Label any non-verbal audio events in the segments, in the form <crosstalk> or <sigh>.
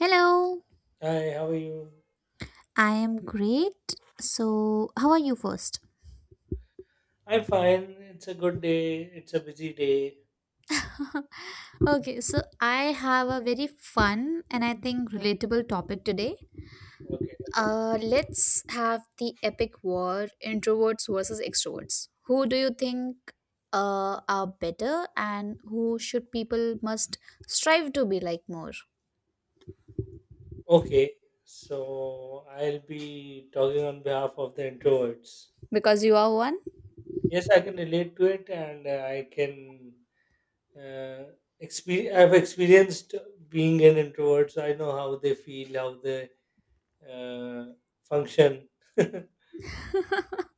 Hello. Hi, how are you? I am great. So, how are you first? I'm fine. It's a good day. It's a busy day. <laughs> Okay, so I have a very fun and I think relatable topic today. Okay. Let's have the epic war, introverts versus extroverts. Who do you think are better, and who should people must strive to be like more? Okay, so I'll be talking on behalf of the introverts. Because you are one? Yes, I can relate to it, and I can uh, experience. I've experienced being an introvert, so I know how they feel, how they uh, function. <laughs> <laughs>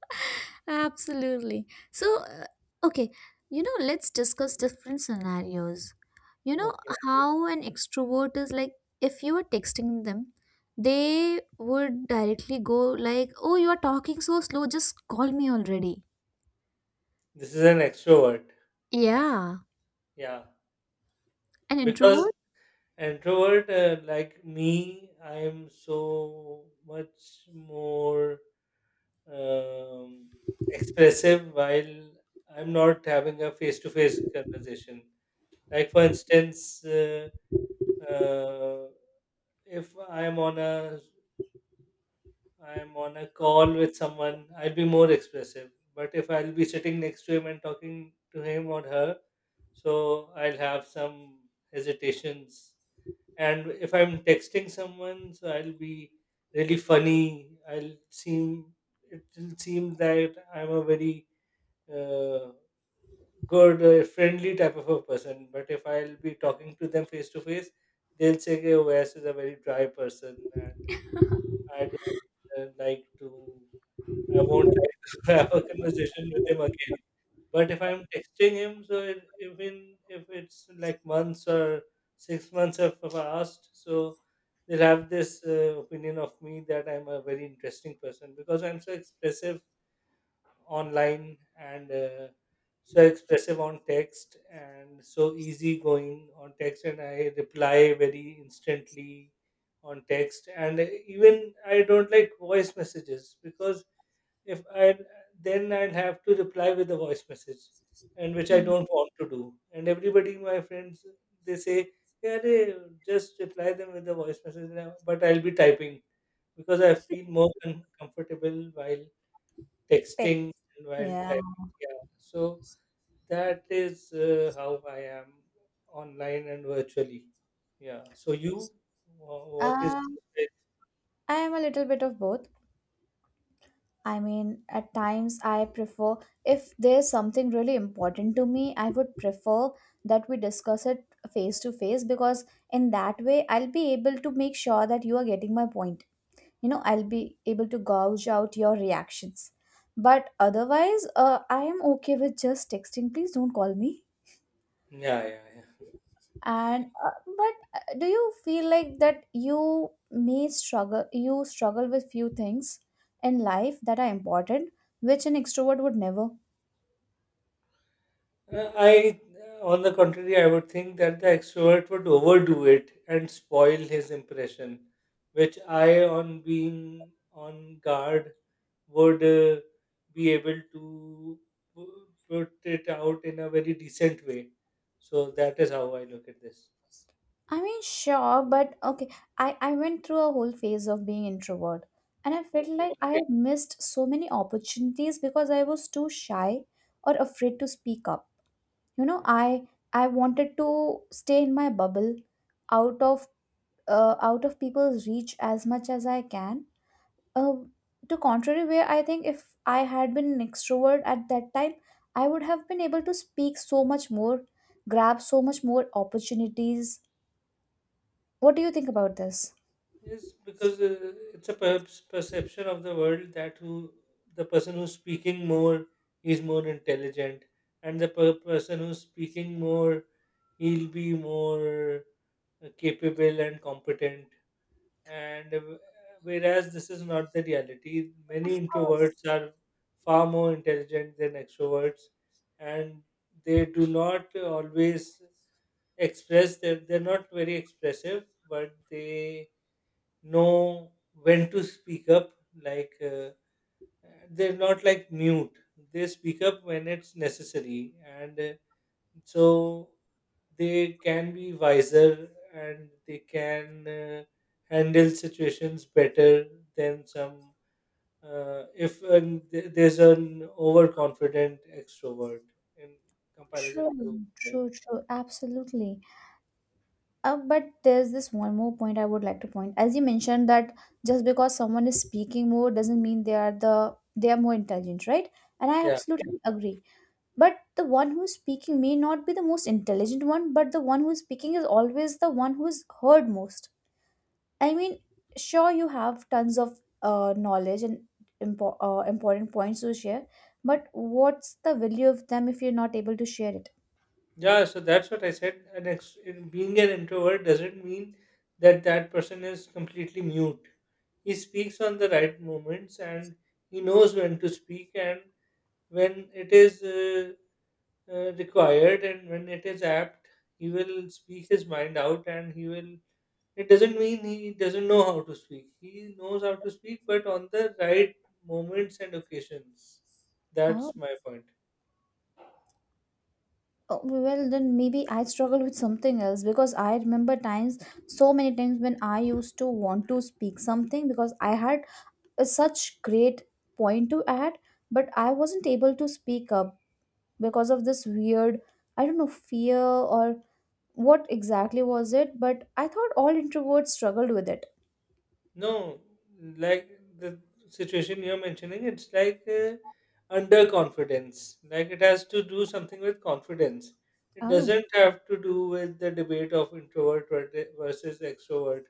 Absolutely. So, uh, okay, you know, let's discuss different scenarios. You know, Okay. how an extrovert is like, if you were texting them, they would directly go like, "Oh, you are talking so slow. Just call me already." This is an extrovert. Yeah, Yeah, an because introvert? introvert, like me, I am so much more um, expressive while I'm not having a face to face conversation. Like, for instance, uh, if I'm on a I'm on a call with someone, I'll be more expressive. But if I'll be sitting next to him and talking to him or her, so I'll have some hesitations. And if I'm texting someone, so I'll be really funny, I'll seem, it will seem that I'm a very uh, good, friendly type of a person. But if I'll be talking to them face to face, they'll say, okay, Wes is a very dry person, and I don't like to, I won't like <laughs> to have a conversation with him again. But if I'm texting him, so it, even if it's like months or 6 months have passed, so they'll have this opinion of me that I'm a very interesting person because I'm so expressive online, and so expressive on text, and so easygoing on text, and I reply very instantly on text. And even I don't like voice messages because if I, then I'd have to reply with a voice message, and which I Mm. don't want to do. And everybody, my friends, they say, "Yeah, they just reply them with a voice message now," but I'll be typing because I feel more comfortable while Tech. texting and while Yeah. typing. Yeah, so that is how I am online and virtually. Yeah. So you, what is? Um, I am a little bit of both. I mean, at times I prefer, if there's something really important to me, I would prefer that we discuss it face to face, because in that way I'll be able to make sure that you are getting my point. You know, I'll be able to gauge out your reactions. But otherwise, I am okay with just texting. Please don't call me. Yeah, yeah, yeah. And but do you feel like that you may struggle you struggle with few things in life that are important, which an extrovert would never? Uh, I, on the contrary, I would think that the extrovert would overdo it and spoil his impression, which I, on being on guard, would be able to put it out in a very decent way. So that is how I look at this. I mean, sure, but okay, I went through a whole phase of being introvert, and I felt Okay. like I had missed so many opportunities because I was too shy or afraid to speak up. You know, I wanted to stay in my bubble, out of out of people's reach as much as I can. uh, to contrary way, I think if I had been an extrovert at that time, I would have been able to speak so much more, grab so much more opportunities. What do you think about this? Yes, because it's a perhaps perception of the world that who, the person who's speaking more is more intelligent, and the person who's speaking more, he'll be more capable and competent. And Whereas this is not the reality, Of many course. introverts are far more intelligent than extroverts, and they do not always express. They're not very expressive, but they know when to speak up, like they're not like mute. They speak up when it's necessary, and so they can be wiser and they can handle situations better than some, if an, there's an overconfident extrovert in comparison true to them. True, absolutely. But there's this one more point I would like to point. As you mentioned that just because someone is speaking more doesn't mean they are more intelligent, right? And I Yeah. absolutely agree. But the one who's speaking may not be the most intelligent one, but the one who's speaking is always the one who's heard most. I mean, sure, you have tons of knowledge and important points to share, but what's the value of them if you're not able to share Yeah, so that's what I said. Being an introvert doesn't mean that that person is completely mute. He speaks on the right moments, and he knows when to speak and when it is required, and when it is apt, he will speak his mind out and he will. It doesn't mean he doesn't know how to speak. He knows how to speak, but on the right moments and occasions. That's it? my point. Oh, well, then maybe I struggle with something else, because I remember times, so many times when I used to want to speak something because I had a such great point to add, but I wasn't able to speak up because of this weird, I don't know, fear or what exactly was it. But I thought all introverts struggled with it. No, like the situation you're mentioning, it's like underconfidence. Like it has to do something with confidence. It Oh. doesn't have to do with the debate of introvert versus extrovert,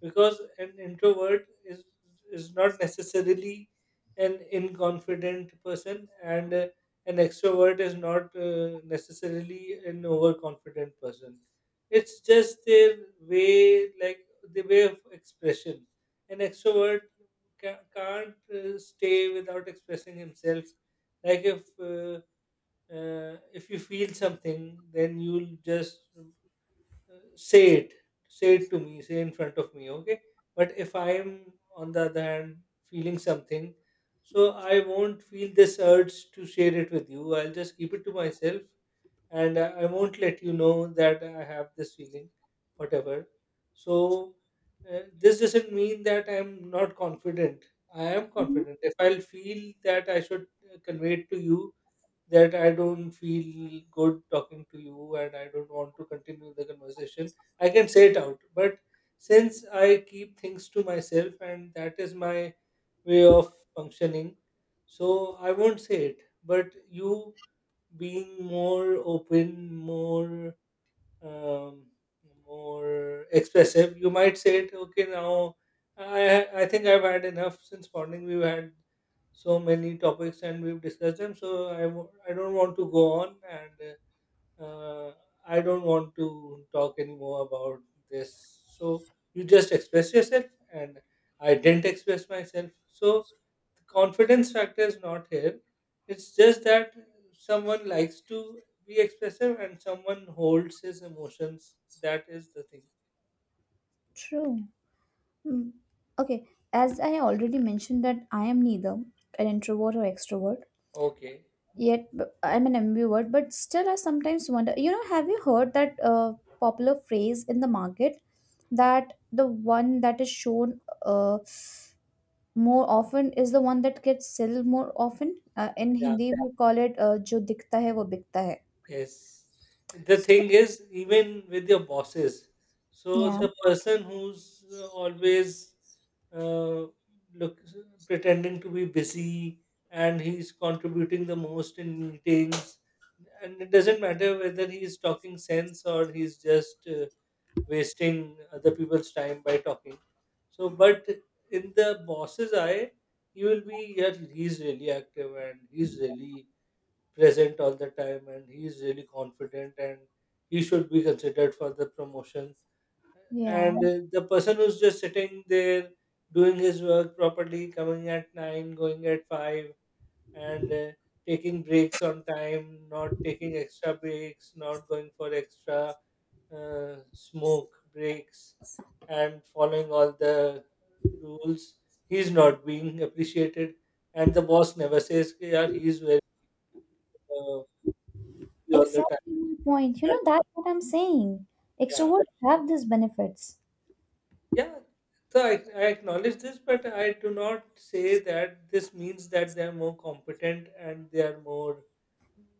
because an introvert is not necessarily an inconfident person, and an extrovert is not necessarily an overconfident person. It's just their way, like the way of expression. An extrovert can't stay without expressing himself. Like if you feel something, then you'll just say it, say it to me, say in front of me, okay? But if I am, on the other hand, feeling something, so I won't feel this urge to share it with you. I'll just keep it to myself, and I won't let you know that I have this feeling, whatever. So, this doesn't mean that I'm not confident. I am Mhm. confident. If I'll feel that I should convey it to you that I don't feel good talking to you and I don't want to continue the conversation, I can say it out. But since I keep things to myself and that is my way of functioning, so I won't say it. But you, being more open, more um, more expressive, you might say it. Okay, now I think I've had enough. Since morning, we've had so many topics and we've discussed them, so I don't want to go on and. Uh, I don't want to talk anymore about this. So you just express yourself, and I didn't express myself. So the confidence factor is not here. It's just that someone likes to be expressive and someone holds his emotions. That is the thing. True. Hmm. Okay, as I already mentioned, that I am neither an introvert or extrovert, Okay. yet I'm an ambivert, but still I sometimes wonder. You know, have you heard that popular phrase in the market, that the one that is shown more often is the one that gets sold more often? In Yeah. Hindi, we call it "जो दिखता है वो बिकता है." Yes. The So, thing is, even with your bosses, so yeah, the person who's always uh, look pretending to be busy and he's contributing the most in meetings, and it doesn't matter whether he's talking sense or he's just wasting other people's time by talking. So, but in the boss's eye, he will be, yeah, he's really active and he's really present all the time and he is really confident and he should be considered for the promotion. yeah, And the person who's just sitting there doing his work properly, coming at 9, going at 5, and taking breaks on time, not taking extra breaks, not going for extra smoke breaks, and following all the rules, he's not being appreciated. And the boss never says, "Ki, yaar, he's very uh, busy all the time," exactly my point. You that. know, that's what I'm saying. Yeah, Extroverts have these benefits. yeah, so I acknowledge this, but I do not say that this means that they're more competent and they are more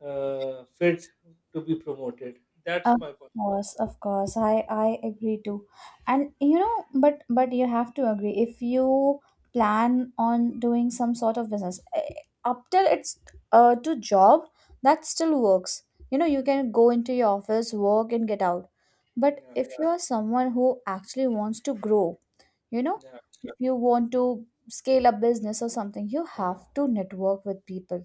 fit to be promoted. That's Of my point. course, of course. I agree too. And you know, but you have to agree, if you plan on doing some sort of business, eh, up till it's to job, that still works. You know, you can go into your office, work and get out. But Yeah. if you are someone who actually wants to grow, you know, Yeah. you want to scale a business or something, you have to network with people,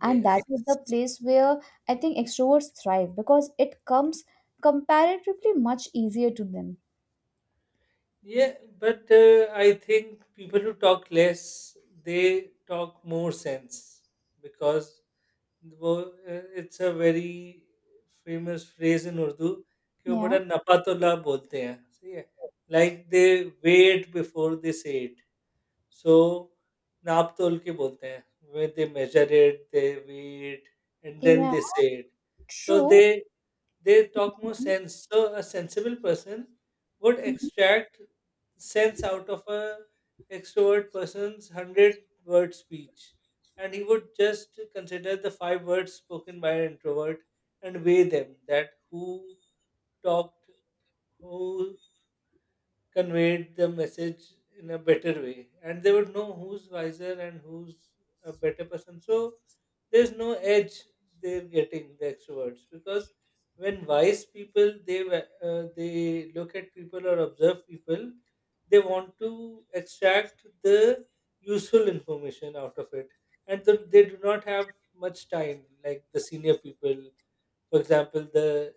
and that Yes. is the place where I think extroverts thrive, because it comes comparatively much easier to them. Yeah, but I think people who talk less, they talk more sense because वो uh, it's a very famous phrase in Urdu कि वो Yeah, बड़ा नपातुल्ला बोलते हैं, सही है? Like they wait before they say it so नाप-तोल के बोलते हैं, when they measure it, they wait and then yeah, they say it. So they true. they talk more sense. So a sensible person would Mhm. extract sense out of a extrovert person's 100 word speech, and he would just consider the 5 words spoken by an introvert and weigh them. That who talked, who conveyed the message in a better way, and they would know who's wiser and who's a better person. So there's no edge they're getting, the extroverts, because when wise people, they they look at people or observe people, they want to extract the useful information out of it. And they do not have much time, like the senior people, for example, the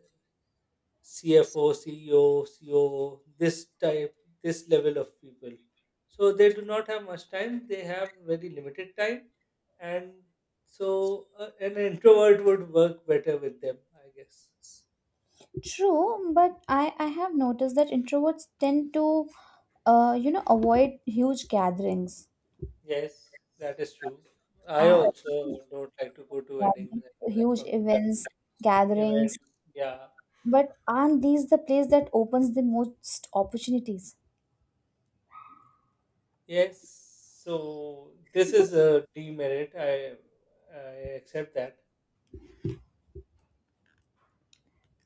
CFO, CEO, COO, this type, this level of people. So they do not have much time. They have very limited time, and so an introvert would work better with them, I guess. True. But I have noticed that introverts tend to you know, avoid huge gatherings, Yes, that is true. I uh, also don't like to go to weddings and huge functions, events, gatherings. events. Yeah. But aren't these the place that opens the most opportunities? Yes. So this is a demerit. I accept that.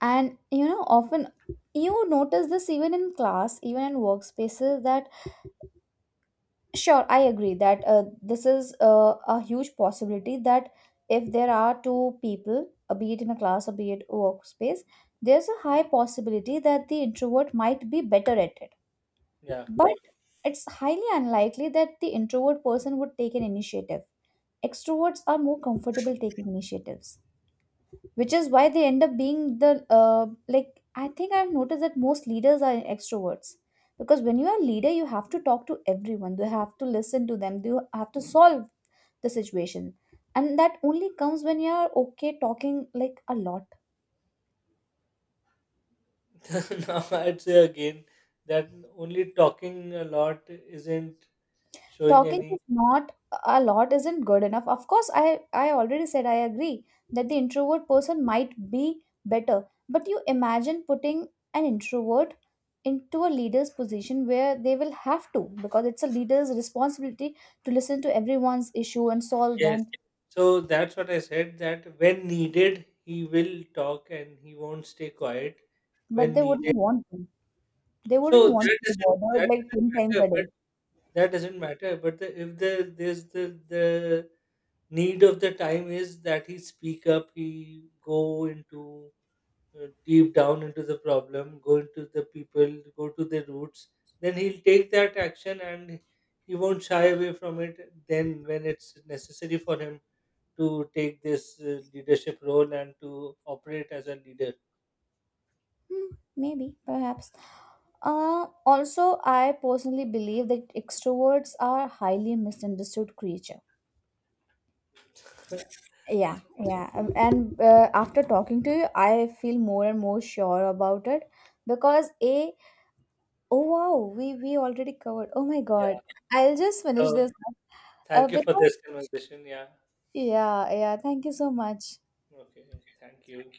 And you know, often you notice this even in class, even in workspaces, that sure, I agree that this is a huge possibility that if there are two people, be it in a class or be it workspace, there's a high possibility that the introvert might be better at it. Yeah. But it's highly unlikely that the introvert person would take an initiative. Extroverts are more comfortable taking initiatives, which is why they end up being the uh, like, I think I've noticed that most leaders are extroverts, because when you are a leader, you have to talk to everyone, you have to listen to them, you have to solve the situation. And that only comes when you are okay talking like a lot. <laughs> Now I'd say again that only talking a lot isn't showing Talking any. is not, a lot isn't good enough. Of course, I already said I agree that the introvert person might be better, but you imagine putting an introvert into a leader's position, where they will have to, because it's a leader's responsibility to listen to everyone's issue and solve Yes. them. So that's what I said, that when needed, he will talk and he won't stay quiet But when they needed. wouldn't want to, they wouldn't want to be bothered That like doesn't 10 times matter. a But day. that doesn't matter. But the, if the there's the need of the time is that he speak up, he go into deep down into the problem, go into the people, go to the roots, then he'll take that action, and he won't shy away from it. Then, when it's necessary for him to take this leadership role and to operate as a leader. Hmm, maybe perhaps uh, also, I personally believe that extroverts are highly misunderstood creatures. Yeah, <laughs> yeah. And after talking to you, I feel more and more sure about it, because A, oh wow, we already covered. Oh my Yeah. God, I'll just finish So, this. Thank you for Because this conversation. Yeah. yeah, yeah. Thank you so much. Okay. Thank you.